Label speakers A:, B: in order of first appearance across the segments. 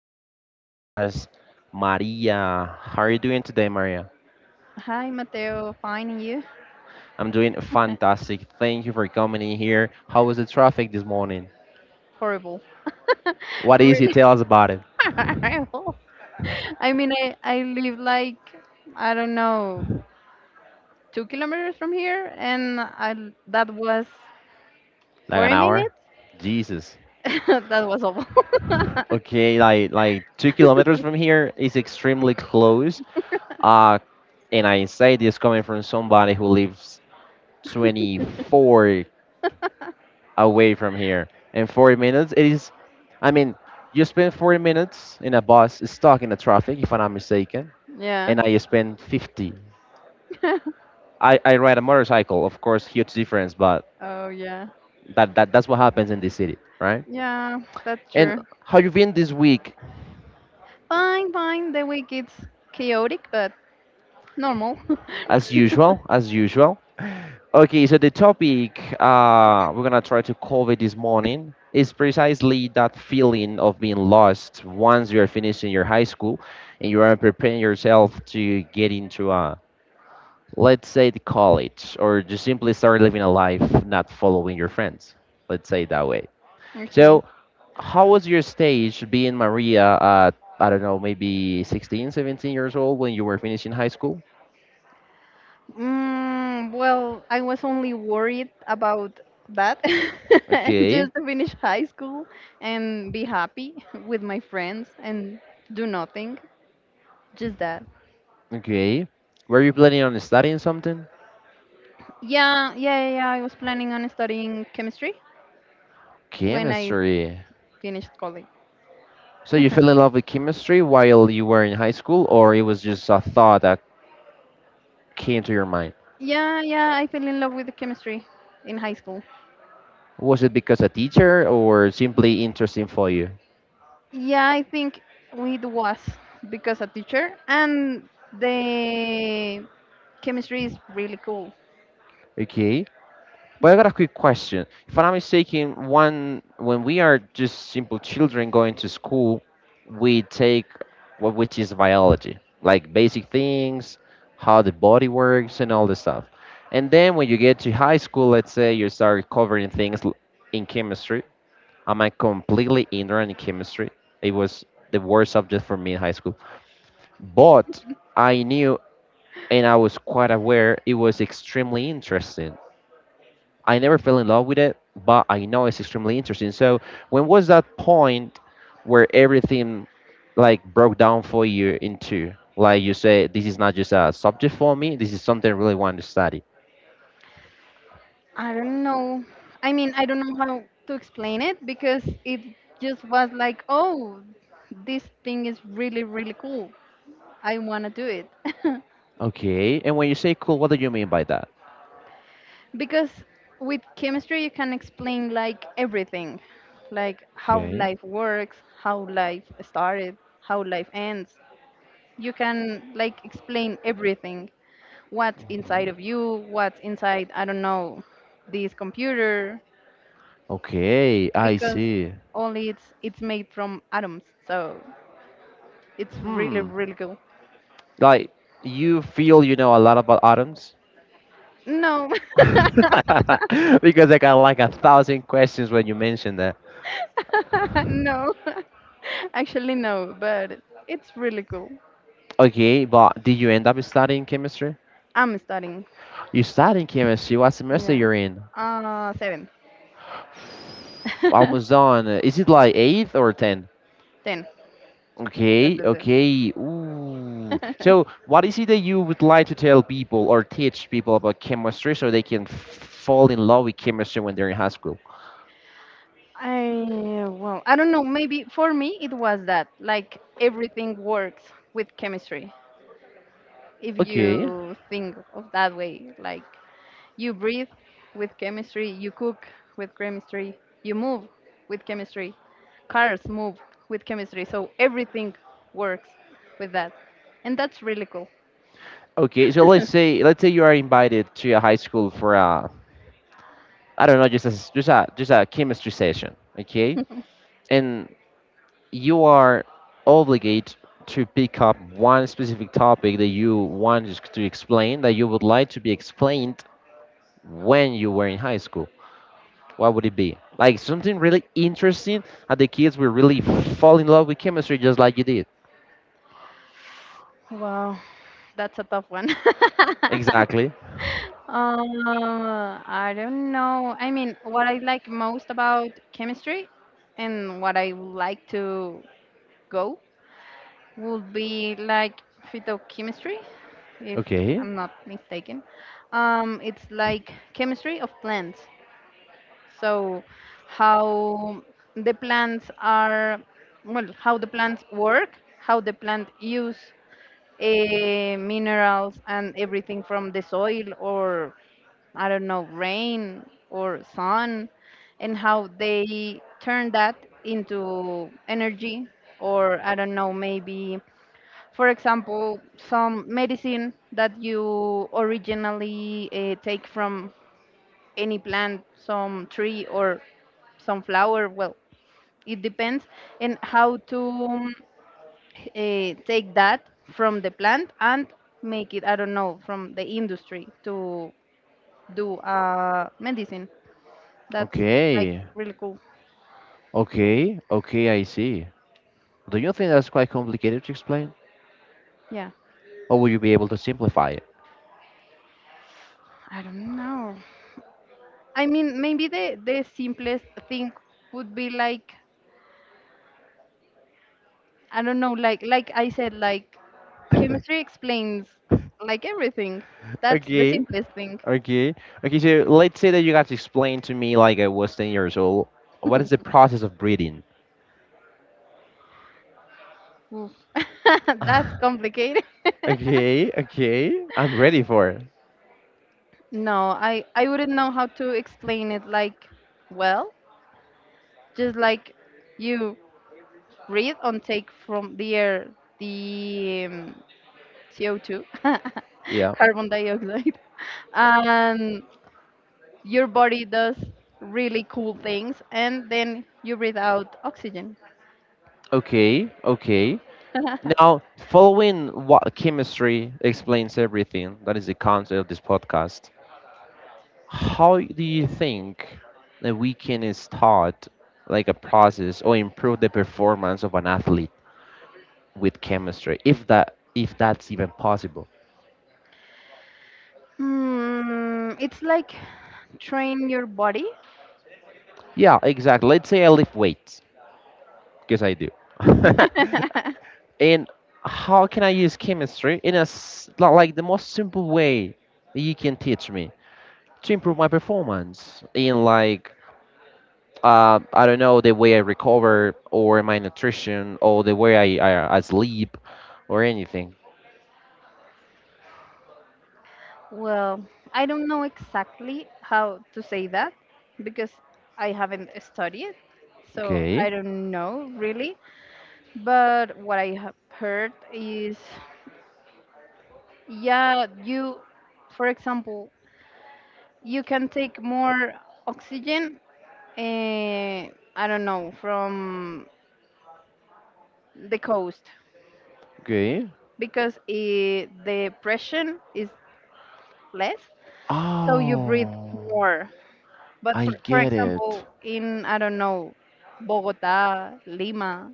A: Today we have with us Maria. How are you doing today, Maria?
B: Hi, Mateo. Fine, and you?
A: I'm doing fantastic. Thank you for coming in here. How was the traffic this morning?
B: Horrible.
A: What is it?
B: Really
A: Tell us about it.
B: horrible. I mean, I live like, I don't know, 2 kilometers from here, and I, that was
A: Like an
B: 40
A: hour?
B: minutes.
A: Jesus.
B: That was awful.
A: Okay, like 2 kilometers from here is extremely close. Uh, and I say this coming from somebody who lives 24 away from here. And 40 minutes, it is, I mean, you spend 40 minutes in a bus stuck in the traffic, if I'm not mistaken,
B: Yeah.
A: and I spend 50. I ride a motorcycle, of course, huge difference, but
B: Oh, yeah.
A: that's what happens in this city, right?
B: Yeah, that's
A: And
B: true.
A: how you been this week?
B: Fine, fine. The week it's chaotic, but normal.
A: As usual, as usual. Okay, so the topic we're gonna try to cover this morning is precisely that feeling of being lost once you are finishing your high school and you are preparing yourself to get into a, let's say, the college, or just simply start living a life not following your friends. Let's say it that way.
B: Okay.
A: So, how was your stage being Maria at, I don't know, maybe 16, 17 years old when you were finishing high school?
B: Well, I was only worried about that,
A: Okay,
B: just to finish high school and be happy with my friends and do nothing, just that.
A: okay. Were you planning on studying something?
B: Yeah, yeah, yeah, yeah, I was planning on studying chemistry when I
A: Chemistry.
B: finished college.
A: So you fell in love with chemistry while you were in high school, or it was just a thought that came to your mind?
B: Yeah, yeah, I fell in love with the chemistry in high school.
A: Was it because a teacher or simply interesting for you?
B: Yeah, I think it was because a teacher and the chemistry is really cool.
A: Okay. But I got a quick question. If I'm not mistaken, one when we are just simple children going to school, we take what which is biology, like basic things, how the body works and all this stuff. And then when you get to high school, let's say you start covering things in chemistry, I'm like, completely ignorant in chemistry. It was the worst subject for me in high school. But I knew and I was quite aware it was extremely interesting. I never fell in love with it, but I know it's extremely interesting. So when was that point where everything like broke down for you into like you say this is not just a subject for me, this is something I really want to study.
B: I don't know. I mean, I don't know how to explain it because it just was like, oh, this thing is really, really cool. I want to do it.
A: Okay, and when you say cool, what do you mean by that?
B: Because with chemistry, you can explain like everything, like how
A: Okay.
B: life works, how life started, how life ends. You can like explain everything what's inside of you, what's inside, I don't know, this computer,
A: Okay, I
B: because
A: see.
B: only it's made from atoms, so it's really
A: Hmm.
B: really cool.
A: Like you feel you know a lot about atoms
B: No,
A: because I got like a thousand questions when you mentioned that.
B: no, actually no, but it's really cool.
A: Okay, but did you end up studying chemistry?
B: I'm studying.
A: You studying chemistry. What semester
B: Yeah.
A: you're in?
B: Seven.
A: Almost done. Is it like eighth or ten?
B: Ten. Ten,
A: Okay,
B: ten, ten.
A: okay. Ooh. So, what is it that you would like to tell people or teach people about chemistry so they can fall in love with chemistry when they're in high school?
B: I, well, I don't know. Maybe for me it was that like everything works with chemistry, if
A: Okay.
B: you think of that way. Like you breathe with chemistry, you cook with chemistry, you move with chemistry, cars move with chemistry. So everything works with that. And that's really cool.
A: Okay, so let's say you are invited to a high school for a I don't know, just a chemistry session, okay? And you are obligated to pick up one specific topic that you want us to explain that you would like to be explained when you were in high school. What would it be? Like something really interesting and the kids will really fall in love with chemistry just like you did.
B: Wow. That's a tough one.
A: Exactly.
B: I don't know. I mean, what I like most about chemistry and what I would like to go would be like phytochemistry, if
A: Okay.
B: I'm not mistaken. It's like chemistry of plants. So, how the plants are, well, how the plants work, how the plant use minerals and everything from the soil or I don't know, rain or sun, and how they turn that into energy, or I don't know, maybe for example, some medicine that you originally take from any plant, some tree or some flower. Well, it depends, and how to take that from the plant and make it. I don't know from the industry to do medicine. That's like
A: Okay.
B: really cool.
A: Okay. Okay, I see. Do you think that's quite complicated to explain?
B: Yeah,
A: Or will you be able to simplify
B: I don't know. I mean, maybe the simplest thing would be like I don't know, like I said, like
A: it?
B: chemistry explains like everything. That's the
A: Okay,
B: simplest thing.
A: okay, okay. So let's say that you guys explain to me, like I was 10 years old, what is the process of breathing.
B: Oof. That's complicated.
A: Okay, okay, I'm ready for it.
B: No, I wouldn't know how to explain it like well. Just like you breathe and take from the air the CO2,
A: Yeah.
B: carbon dioxide, and your body does really cool things, and then you breathe out oxygen.
A: Okay, okay. Now, following what chemistry explains everything, that is the concept of this podcast. How do you think that we can start like a process or improve the performance of an athlete with chemistry, if that's even possible?
B: Hmm, it's like train your body.
A: Yeah, exactly. Let's say I lift weights because I do. And how can I use chemistry in a like the most simple way that you can teach me to improve my performance in like I don't know the way I recover or my nutrition or the way I sleep or anything.
B: Well, I don't know exactly how to say that because I haven't studied, so
A: Okay,
B: I don't know really. But what I have heard is, yeah, you, for example, you can take more oxygen, eh, I don't know, from the coast
A: okay.
B: because the pressure is less, so you breathe
A: Oh,
B: more. But
A: I
B: for
A: get it.
B: example, in, I don't know, Bogota, Lima,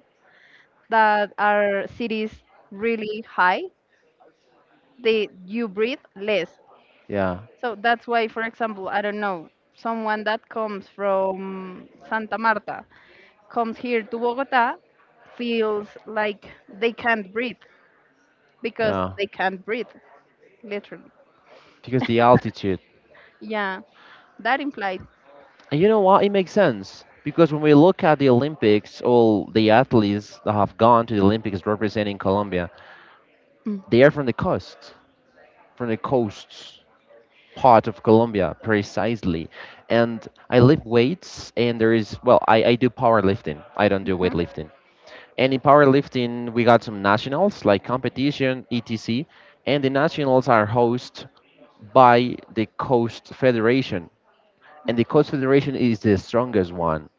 B: that are cities really high, they you breathe less.
A: Yeah,
B: So that's why, for example, I don't know, someone that comes from Santa Marta comes here to Bogota feels like they can't breathe because
A: yeah.
B: they can't breathe, literally.
A: Because the altitude.
B: Yeah, that implied.
A: And you know what? It makes sense because when we look at the Olympics, all the athletes that have gone to the Olympics representing Colombia, they are from the coast, from the coasts part of Colombia, precisely. And I lift weights, and there is well, I do powerlifting. I don't do
B: Mm-hmm.
A: weightlifting. And in powerlifting, we got some nationals like competition, etc. And the nationals are hosted by the Coast Federation, and the Coast Federation is the strongest one.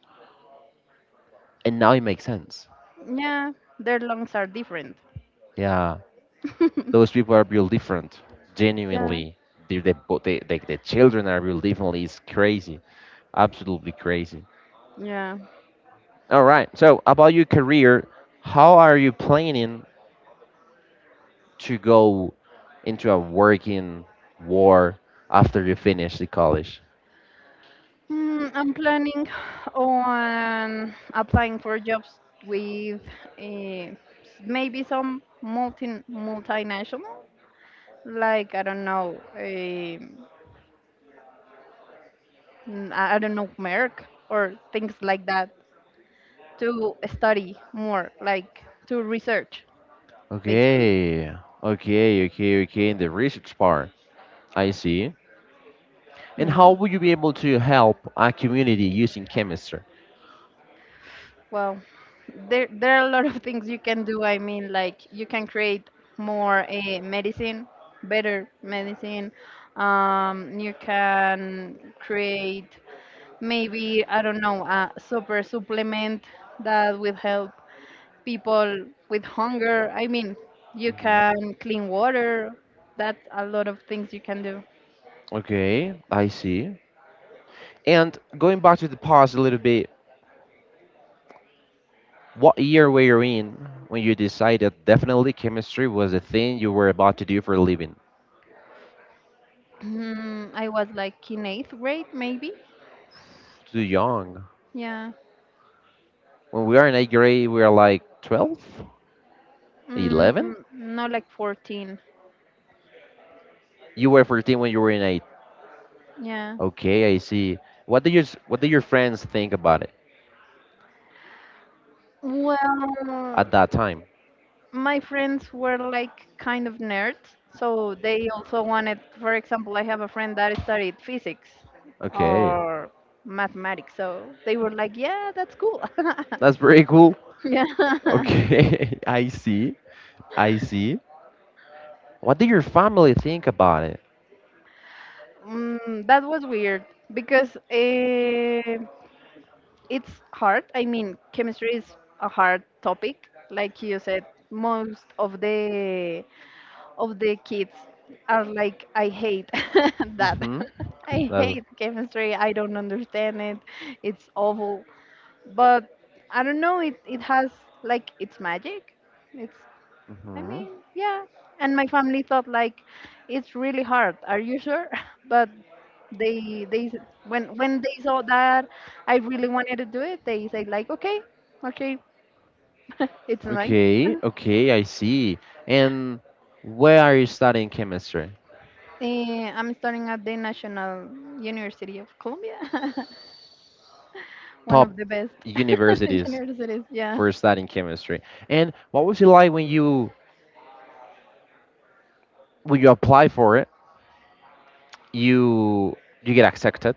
A: And now it makes sense.
B: Yeah, their lungs are different.
A: Yeah, those people are built different,
B: Yeah.
A: genuinely. They're the, bo- they, the children are built differently. It's crazy, absolutely crazy.
B: Yeah.
A: All right. So about your career, how are you planning to go into a working war after you finish the college?
B: I'm planning on applying for jobs with uh, maybe some multinational, like I don't know, I don't know, Merck or things like that, to study more, like to research, basically.
A: Okay, okay, okay, okay. In the research part, I see. And
B: Yeah.
A: how would you be able to help a community using chemistry?
B: Well, there are a lot of things you can do. I mean, like you can create more medicine, better medicine. You can create maybe I don't know a super supplement that will help people with hunger. I mean, you
A: Mhm.
B: can clean water. That's a lot of things you can do.
A: Okay, I see. And going back to the past a little bit, what year were you in when you decided definitely chemistry was the thing you were about to do for a living?
B: I was like in eighth grade, maybe.
A: Too young.
B: Yeah.
A: When we are in eighth grade, we are like 12,
B: Mm,
A: 11.
B: no, like 14.
A: You were 14 when you were in eighth.
B: Yeah.
A: Okay, I see. What did your friends think about it
B: Well,
A: at that time?
B: my friends were like kind of nerds, so they also wanted, for example, I have a friend that studied physics
A: Okay,
B: or mathematics, so they were like, yeah, that's cool.
A: that's pretty cool.
B: Yeah.
A: Okay, I see. I see. What did your family think about it?
B: That was weird because it's hard. I mean, chemistry is a hard topic. Like you said, most of the kids are like, I hate that.
A: Mm-hmm.
B: I
A: That's.
B: hate chemistry. I don't understand it. It's awful. But I don't know. It has like its magic. It's I
A: Mm-hmm.
B: mean yeah. And my family thought like, it's really hard. Are you sure? But they s- when they saw that I really wanted to do it, they said like, okay, okay, it's nice.
A: Okay, okay, I see. And where are you studying chemistry?
B: I'm studying at the National University of Colombia, one
A: Top
B: of the best
A: universities
B: universities. Yeah,
A: for studying chemistry. And what was it like when you apply for it? You you get accepted,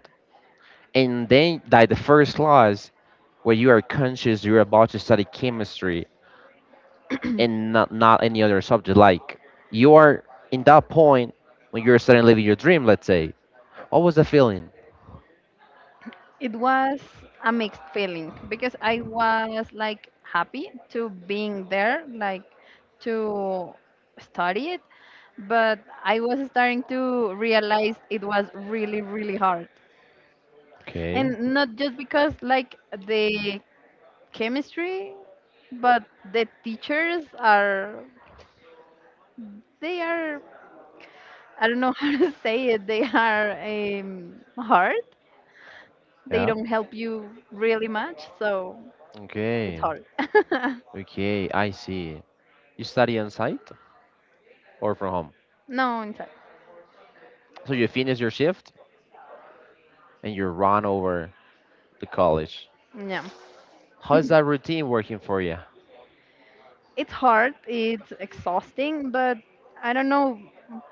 A: and then like the first class where you are conscious you're about to study chemistry and not not any other subject. Like you are in that point when you're starting living your dream. Let's say, what was the feeling?
B: it was a mixed feeling because I was like happy to being there, like to study it, but I was starting to realize it was really, really hard,
A: Okay.
B: and not just because like the chemistry, but the teachers are they are I don't know how to say it. They are hard. They
A: Yeah.
B: don't help you really much, so it's
A: Okay.
B: hard.
A: Okay, I see. You study on site or from home?
B: No, in fact,
A: So you finish your shift and you run over to college.
B: yeah,
A: How is that routine working for you?
B: it's hard. It's exhausting, but I don't know.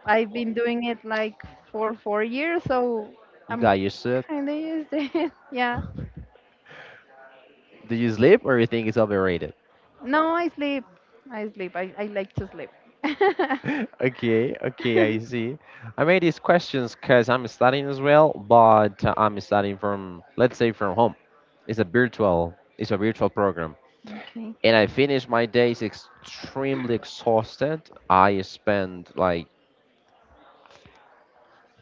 B: I've been doing it like for 4 years, so
A: You
B: I'm
A: got used to it?
B: kind of used to it. Yeah.
A: Do you sleep or you think it's overrated?
B: No, I sleep. I sleep. I like to sleep.
A: Okay, okay, I see. I made these questions because I'm studying as well, but I'm studying from, let's say, from home. It's a virtual program,
B: Okay.
A: and I finish my days extremely exhausted. I spend like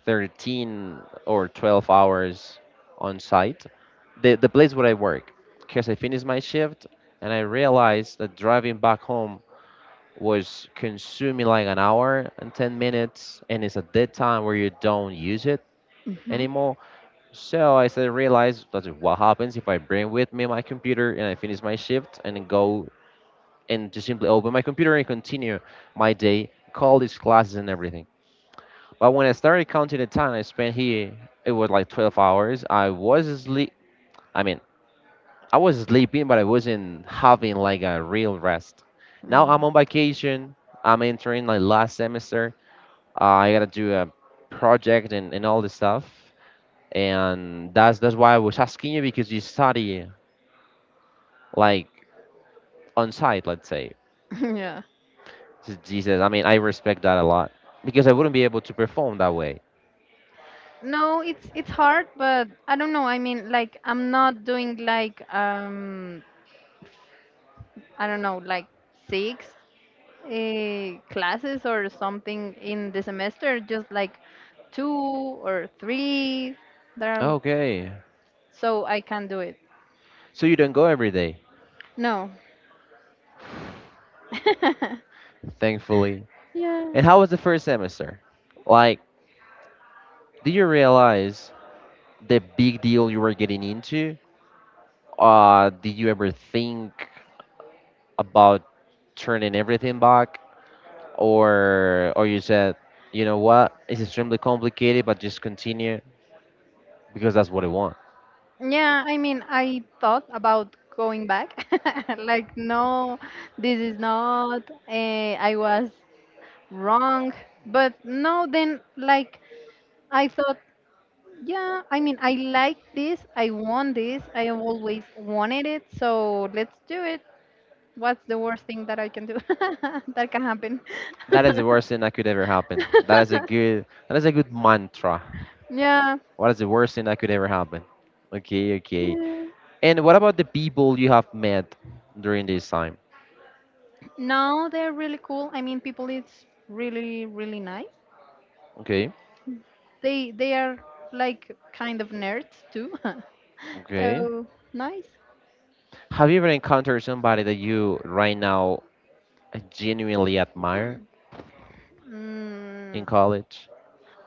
A: 13 or 12 hours on site. The place where I work, because I finished my shift and I realized that driving back home was consuming like an hour and 10 minutes, and it's at that time where you don't use it
B: Hmm.
A: anymore. So I started to realize that's what happens if I bring with me my computer and I finish my shift and then go and just simply open my computer and continue my day, call these classes and everything. But when I started counting the time I spent here, it was like 12 hours. I was asleep. I mean, I was sleeping, but I wasn't having like a real rest. Now I'm
B: Um,
A: on vacation. I'm entering my last semester. I gotta do a project and all this stuff. And that's why I was asking you because you study like on site, let's say.
B: Yeah.
A: Jesus, I mean, I respect that a lot because I wouldn't be able to perform that way.
B: No, it's hard, but I don't know. I mean, like I'm not doing like I don't know, like six classes or something in the semester, just like two or three there are,
A: Okay,
B: so I can do it.
A: so you don't go every day,
B: No.
A: thankfully.
B: Yeah.
A: And how was the first semester? Like, did you realize the big deal you were getting into? Did you ever think about turning everything back, or you said, you know what, it's extremely complicated, but just continue because that's what I want.
B: Yeah, I mean, I thought about going back. Like, no, this is not, I was wrong. But no, then, like, I thought, yeah, I mean, I like this. I want this. I have always wanted it. So let's do it. What's the worst thing that I can do? That can happen.
A: That is the worst thing that could ever happen. That is a good that is a good mantra.
B: Yeah.
A: What is the worst thing that could ever happen? Okay, okay.
B: Yeah.
A: And what about the people you have met during this time?
B: No, they're really cool. I mean, people, it's really, really nice.
A: Okay,
B: They are like kind of nerds too.
A: okay.
B: So nice.
A: Have you ever encountered somebody that you right now genuinely admire
B: Mm,
A: in college?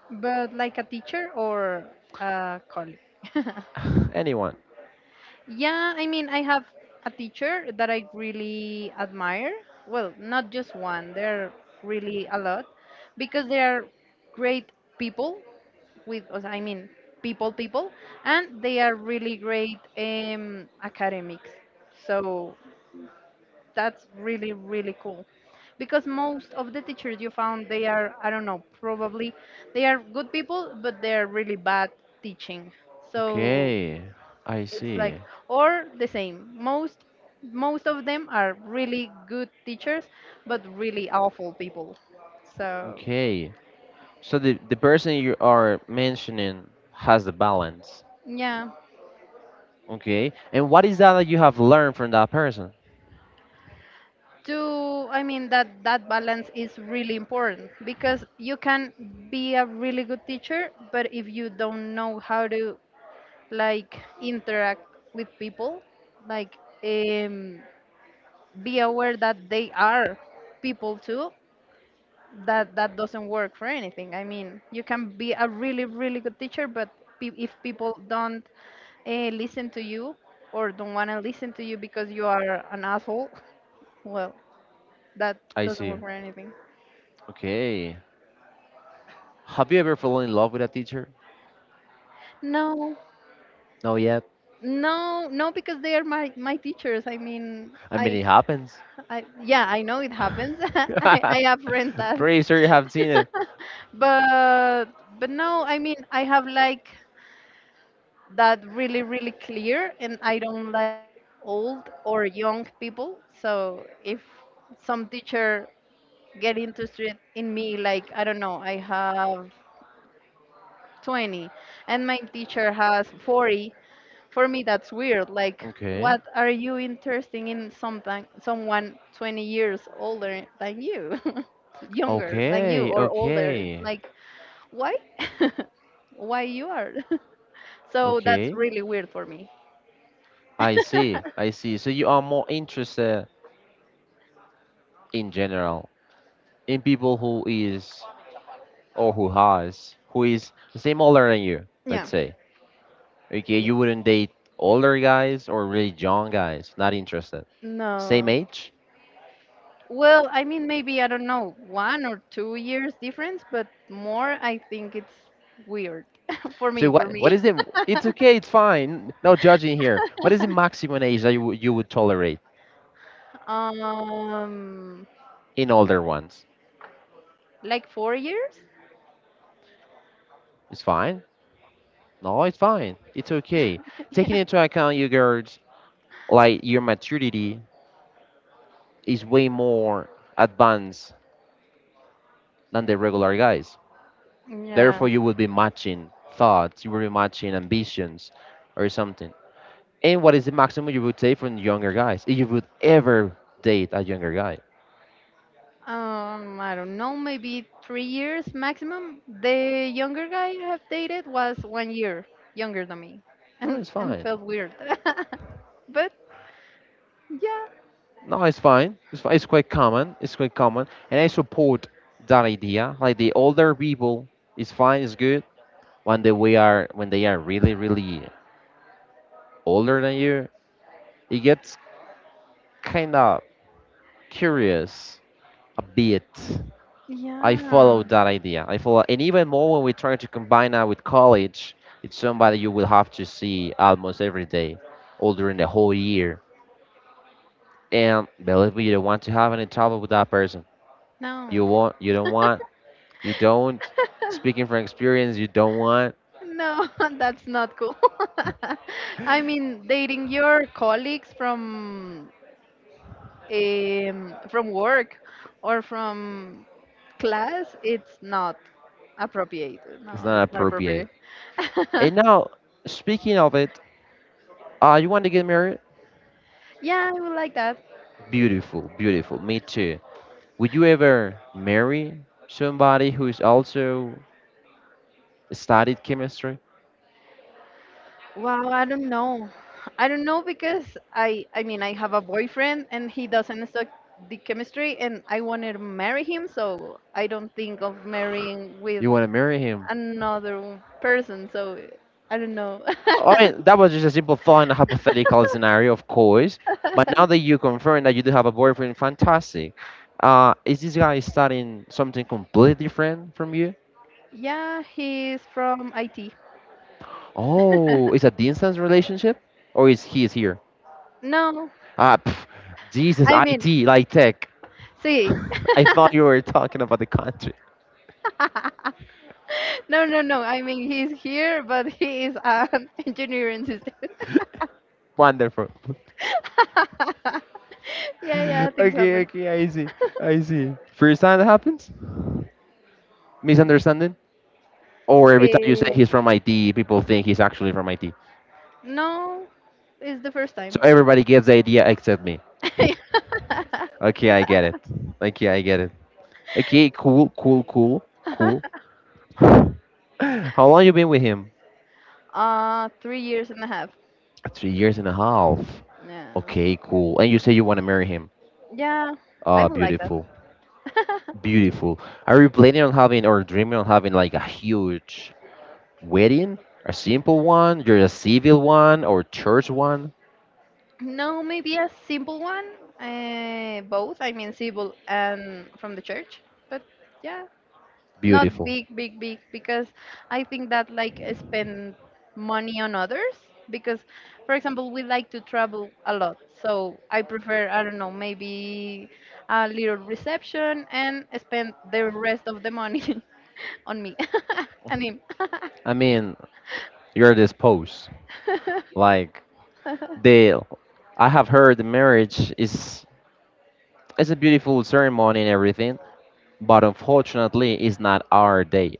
B: but like a teacher or a colleague.
A: Anyone?
B: Yeah, I mean, I have a teacher that I really admire. Well, not just one, there are really a lot because they are great people with, os- I mean, people, people, and they are really great academics. So that's really, really cool because most of the teachers you found, they are, I don't know, probably they are good people, but they're really bad teaching. So
A: Okay, I
B: it's like,
A: see.
B: or the same, most of them are really good teachers but really awful people, so
A: Okay. So the person you are mentioning has the balance.
B: yeah.
A: Okay. And what is that that you have learned from that person?
B: to I mean, that balance is really important, because you can be a really good teacher, but if you don't know how to like interact with people, like um, be aware that they are people too, that that doesn't work for anything. I mean, you can be a really really good teacher, but pe- if people don't listen to you or don't want to listen to you because you are an asshole, well, that
A: I
B: doesn't
A: see.
B: work for anything.
A: Okay. Have you ever fallen in love with a teacher?
B: No,
A: No yet.
B: no, no, because they are my teachers. I mean,
A: I mean, it happens.
B: I yeah, I know it happens. I have friends that,
A: Pretty sure you have seen it.
B: but but no, I mean, I have like that really really clear, and I don't like old or young people. So if some teacher get interested in me, like I don't know, I have 20 and my teacher has 40. For me that's weird. Like,
A: Okay.
B: what are you interested in something someone 20 years older than you younger than you
A: Okay.
B: or older. It's
A: Okay.
B: like, why why you are. So that's
A: Okay.
B: really weird for me.
A: I see. I see. So you are more interested in general in people who is or who has who is same older than you,
B: Yeah.
A: let's say. Okay,
B: Yeah.
A: you wouldn't date older guys or really young guys. Not interested. Same
B: No.
A: age?
B: Well, I mean, maybe, I don't know, 1 or 2 years difference, but more, I think it's weird for
A: So
B: me, for
A: what
B: me.
A: is the? It's okay. It's fine. No judging here. What is the maximum age that you would tolerate
B: Um,
A: in older ones?
B: like 4 years?
A: It's fine. No, it's fine. It's okay. Taking
B: Yeah.
A: into account you girls like your maturity is way more advanced than the regular guys.
B: Yeah.
A: Therefore, you will be matching thoughts. You will be matching ambitions, or something. And what is the maximum you would say from younger guys? If you would ever date a younger guy?
B: I don't know, maybe 3 years maximum. The younger guy I have dated was 1 year younger than me,
A: No,
B: and
A: it's
B: and
A: fine.
B: felt weird. But yeah,
A: No, it's fine. It's fine. It's quite common. It's quite common, and I support that idea. Like the older people, it's fine. It's good. When they are really really older than you, it gets kind of curious a bit. I
B: yeah,
A: follow that idea. I follow, and even more when we try to combine that with college, it's somebody you will have to see almost every day, all during the whole year. And believe me, you don't want to have any trouble with that person.
B: no.
A: You want you don't want You don't. Speaking from experience, you don't want.
B: No, that's not cool. I mean, dating your colleagues from from work or from class, it's not appropriate.
A: It's
B: No,
A: not
B: it's not
A: appropriate.
B: appropriate.
A: And now, speaking of it, you want to get married?
B: Yeah, I would like that.
A: Beautiful, beautiful. Me too. Would you ever marry somebody who is also studied chemistry?
B: Wow, I don't know. I don't know because I mean, I have a boyfriend and he doesn't suck the chemistry and I want to marry him, so I don't think of marrying with
A: You want to marry him?
B: another person, so I don't know.
A: I mean, that was just a simple, fun, hypothetical scenario, of course. But now that you confirm that you do have a boyfriend, fantastic. Is this guy studying something completely different from you?
B: Yeah, he's from IT.
A: Oh, it's a distance relationship, or is here?
B: No,
A: Ah, pff, Jesus,
B: I mean,
A: IT, like tech.
B: see.
A: I thought you were talking about the country.
B: No, no, no. I mean, he's here, but he is an engineering system.
A: Wonderful.
B: Yeah, yeah, things
A: Okay,
B: happen.
A: okay, I see, I see. First time that happens, misunderstanding, or every time you say
B: Eh,
A: he's from IT, people think he's actually from IT.
B: no, it's the first
A: So
B: time.
A: everybody gets the idea except me. Okay, I get it. Okay, I get it. Okay, cool, cool, cool, cool. How long you been with him?
B: 3 years and a half.
A: 3 years and a half.
B: Yeah.
A: Okay, cool. And you say you want to marry him.
B: Yeah, I
A: Ah,
B: would like that.
A: beautiful. Beautiful. Are you planning on having or dreaming on having like a huge wedding? A simple one? You're a civil one or church one?
B: No, maybe a simple one. Both, I mean, simple and from the church. But yeah, not
A: Beautiful.
B: big, big, big, because I think that like spend money on others. Because, for example, we like to travel a lot. So I prefer, I don't know, maybe a little reception and spend the rest of the money on me and him.
A: I mean, you're disposed. Like the I have heard the marriage is it's a beautiful ceremony and everything, but unfortunately it's not our day.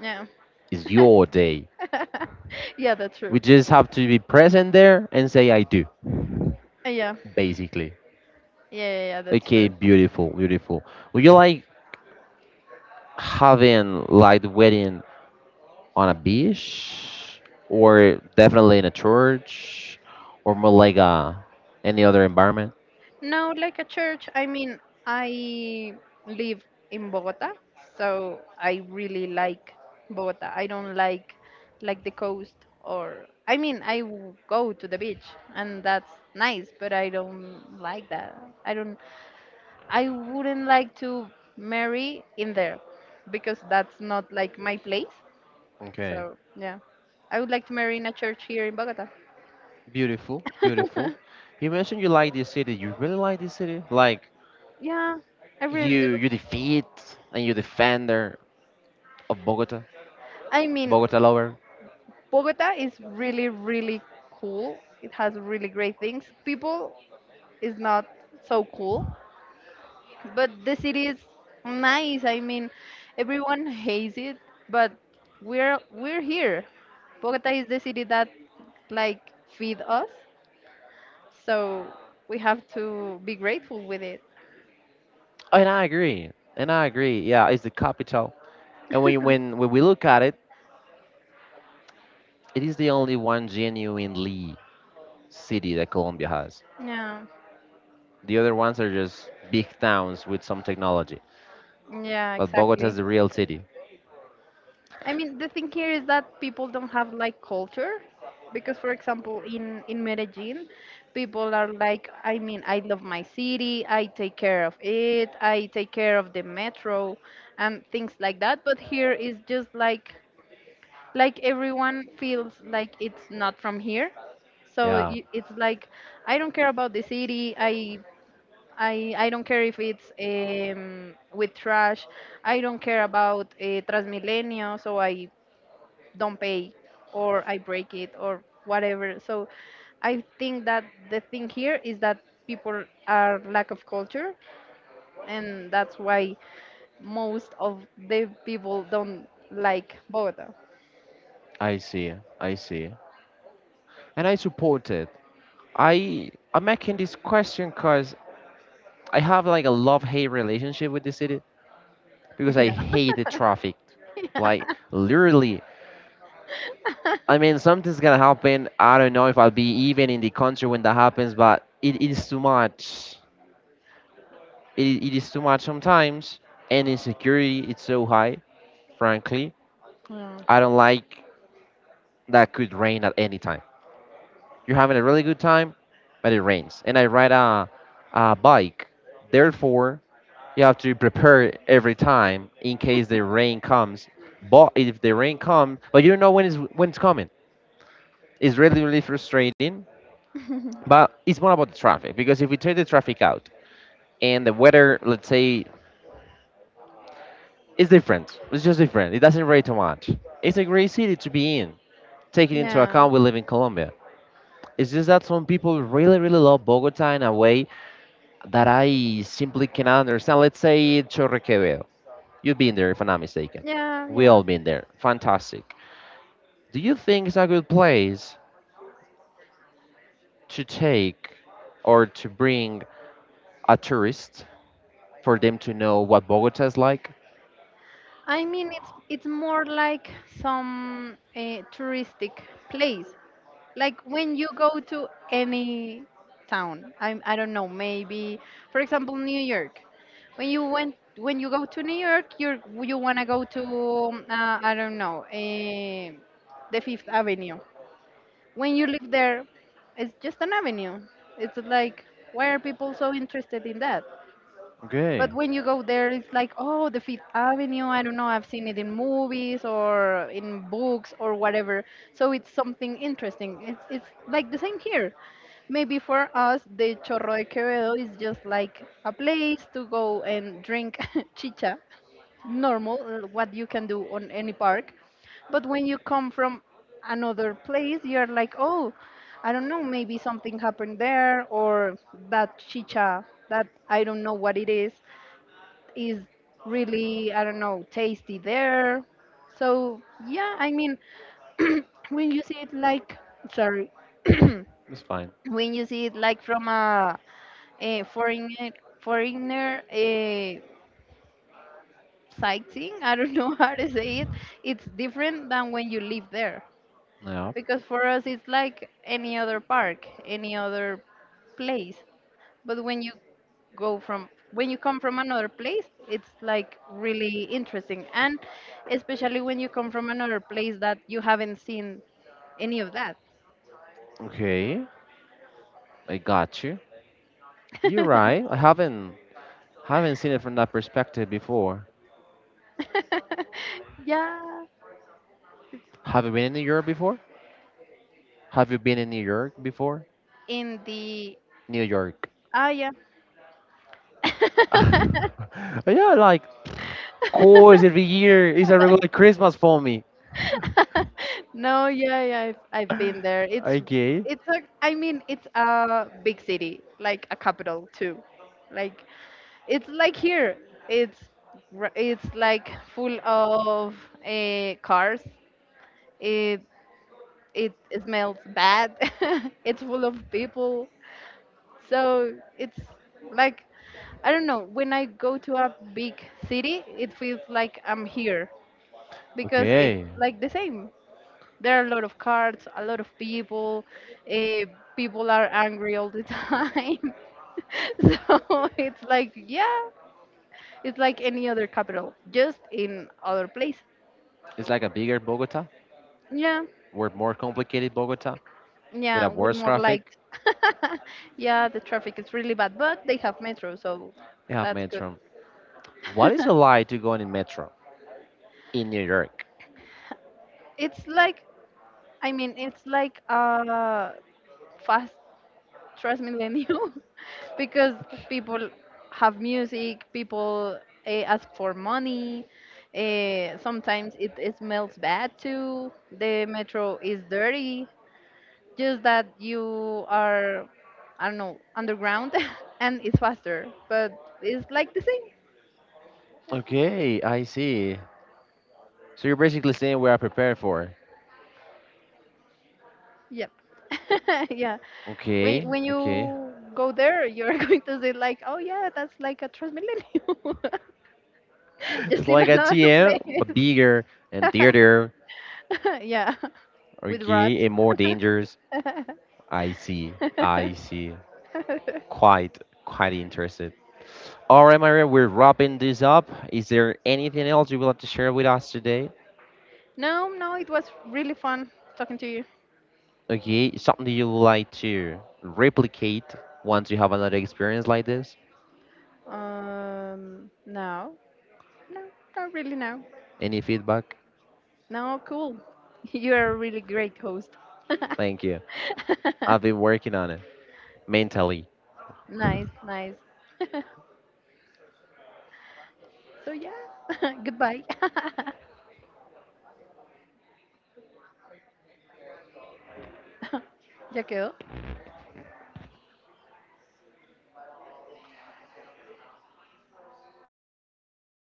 B: Yeah.
A: It's your day.
B: Yeah, that's true.
A: We just have to be present there and say I do,
B: Yeah.
A: basically.
B: Yeah, that's
A: Okay,
B: true.
A: beautiful, beautiful. Would you like having like the wedding on a beach, or definitely in a church, or more like a any other environment?
B: No, like a church. I mean, I live in Bogota, so I really like Bogota. I don't like the coast, or I mean, go to the beach and that's nice, but I don't like that. I don't. I wouldn't like to marry in there because that's not like my place.
A: Okay,
B: So yeah, I would like to marry in a church here in Bogota.
A: beautiful, beautiful. You mentioned you like this city. You really like this city? Like
B: Yeah, I really do.
A: you defeat and you defender of Bogota,
B: I mean,
A: Bogota lover.
B: Bogota is really, really cool. It has really great things. People is not so cool, but the city is nice. I mean, everyone hates it, but we're here. Bogota is the city that like feed us, so we have to be grateful with it.
A: And I agree. And I agree. Yeah, it's the capital. And when you, when we look at it, it is the only one genuinely city that Colombia has.
B: Yeah,
A: The other ones are just big towns with some technology.
B: yeah,
A: But Bogota is
B: exactly.
A: the real city.
B: I mean, the thing here is that people don't have like culture, because for example in Medellin people are like, I mean, I love my city, I take care of it, I take care of the metro and things like that, but here is just like everyone feels like it's not from here, so
A: Yeah,
B: it's like I don't care about the city. I don't care if it's with trash. I don't care about Transmilenio, so I don't pay, or I break it or whatever. So I think that the thing here is that people are lack of culture, and that's why most of the people don't like Bogota.
A: I see. I see. And I support it. I'm making this question because I have like a love-hate relationship with the city because I
B: Yeah.
A: hate the traffic. Like literally, I mean something's gonna happen. I don't know if I'll be even in the country when that happens, but it is too much. It is too much sometimes, and insecurity it's so high frankly.
B: Yeah.
A: I don't like that could rain at any time. You're having a really good time, but it rains and I ride a bike. Therefore, you have to prepare every time in case the rain comes, but if the rain comes but you don't know when it's coming, it's really really frustrating. But it's more about the traffic, because if we take the traffic out and the weather, let's say, it's different. It's just different. It doesn't rate too much. It's a great city to be in. Taking into
B: Yeah.
A: account we live in Colombia. It's just that some people really, really love Bogota in a way that I simply cannot understand. Let's say Chorrequevedo. You've been there, if I'm not mistaken.
B: Yeah,
A: We
B: yeah.
A: all been there. Fantastic. Do you think it's a good place to take or to bring a tourist for them to know what Bogota is like?
B: I mean, it's more like some touristic place. Like when you go to any town, I don't know, maybe for example New York. When you went when you go to New York, you wanna go to I don't know, the Fifth Avenue. When you live there, it's just an avenue. It's like why are people so interested in that?
A: Okay.
B: But when you go there, it's like, oh, the Fifth Avenue. I don't know. I've seen it in movies or in books or whatever. So it's something interesting. It's like the same here. Maybe for us, the Chorro de Quevedo is
A: You're
B: just like a place to go and drink
A: chicha.
B: chicha, normal, what you can do on any park. But when you come from another place, you're
A: There.
B: like, oh, I don't know, maybe something happened there, or
A: About
B: that chicha, that I don't know what it is really, I don't know, tasty there. So yeah, I mean when you see it like sorry
A: It's fine.
B: when you see it like from a foreigner foreigner uh, sightseeing, I don't know how to say it. It's different than when you live there, because for us it's like any other park, any other place. But when you go from when you come from another place, it's like really interesting, and especially when you come from another place that you haven't seen any of that.
A: Okay, I got you. You're right. I haven't seen it from that perspective before.
B: yeah,
A: Have you been in Europe before? Have you been in New York before?
B: in the
A: New York.
B: Ah, yeah.
A: Yeah, like of course every year is a regular Christmas for me.
B: No, yeah, yeah, I've been there.
A: Okay.
B: It's a I mean, it's a big city, like a capital too. Like it's like here. It's it's like full of cars. It it smells bad. It's full of people. So it's like I don't know, when I go to a big city, it feels like I'm here because it's
A: Okay.
B: like the same. There are a lot of cards, a lot of people. Uh, People are angry all the time. So it's like, yeah, it's like any other capital, just in other place.
A: It's like a bigger Bogota,
B: Yeah,
A: or more complicated Bogota, with a
B: yeah, with
A: worse
B: more
A: traffic.
B: lights. Yeah, the traffic is really bad, but they have metro, so
A: They have
B: that's good.
A: metro. What is it like to go in metro in New York?
B: It's like, I mean, it's like a fast Transmillennial because people have music, people ask for money. Sometimes it smells bad too. The metro is dirty. Just that you are, I don't know, underground and it's faster, but it's like the same.
A: Okay, I see. So you're basically saying we are prepared for.
B: Yep. Yeah. When,
A: Okay,
B: when
A: okay.
B: you go there, you're going to say like, oh yeah, that's like a Transmillennial.
A: It's
B: Just in
A: like a
B: another
A: TM,
B: place.
A: but bigger and theater.
B: Yeah, with rats.
A: Okay, and more dangerous. I see, I see. Quite, quite interested. All right, Maria, we're wrapping this up. Is there anything else you would like to share with us today?
B: No, no, it was really fun talking to you.
A: Okay, something you would like to replicate once you have another experience like this?
B: No, no, not really. No,
A: Any feedback?
B: no, cool. You're a really great host.
A: Thank you. I've been working on it mentally.
B: Nice, nice. So yeah, goodbye. ya quedó.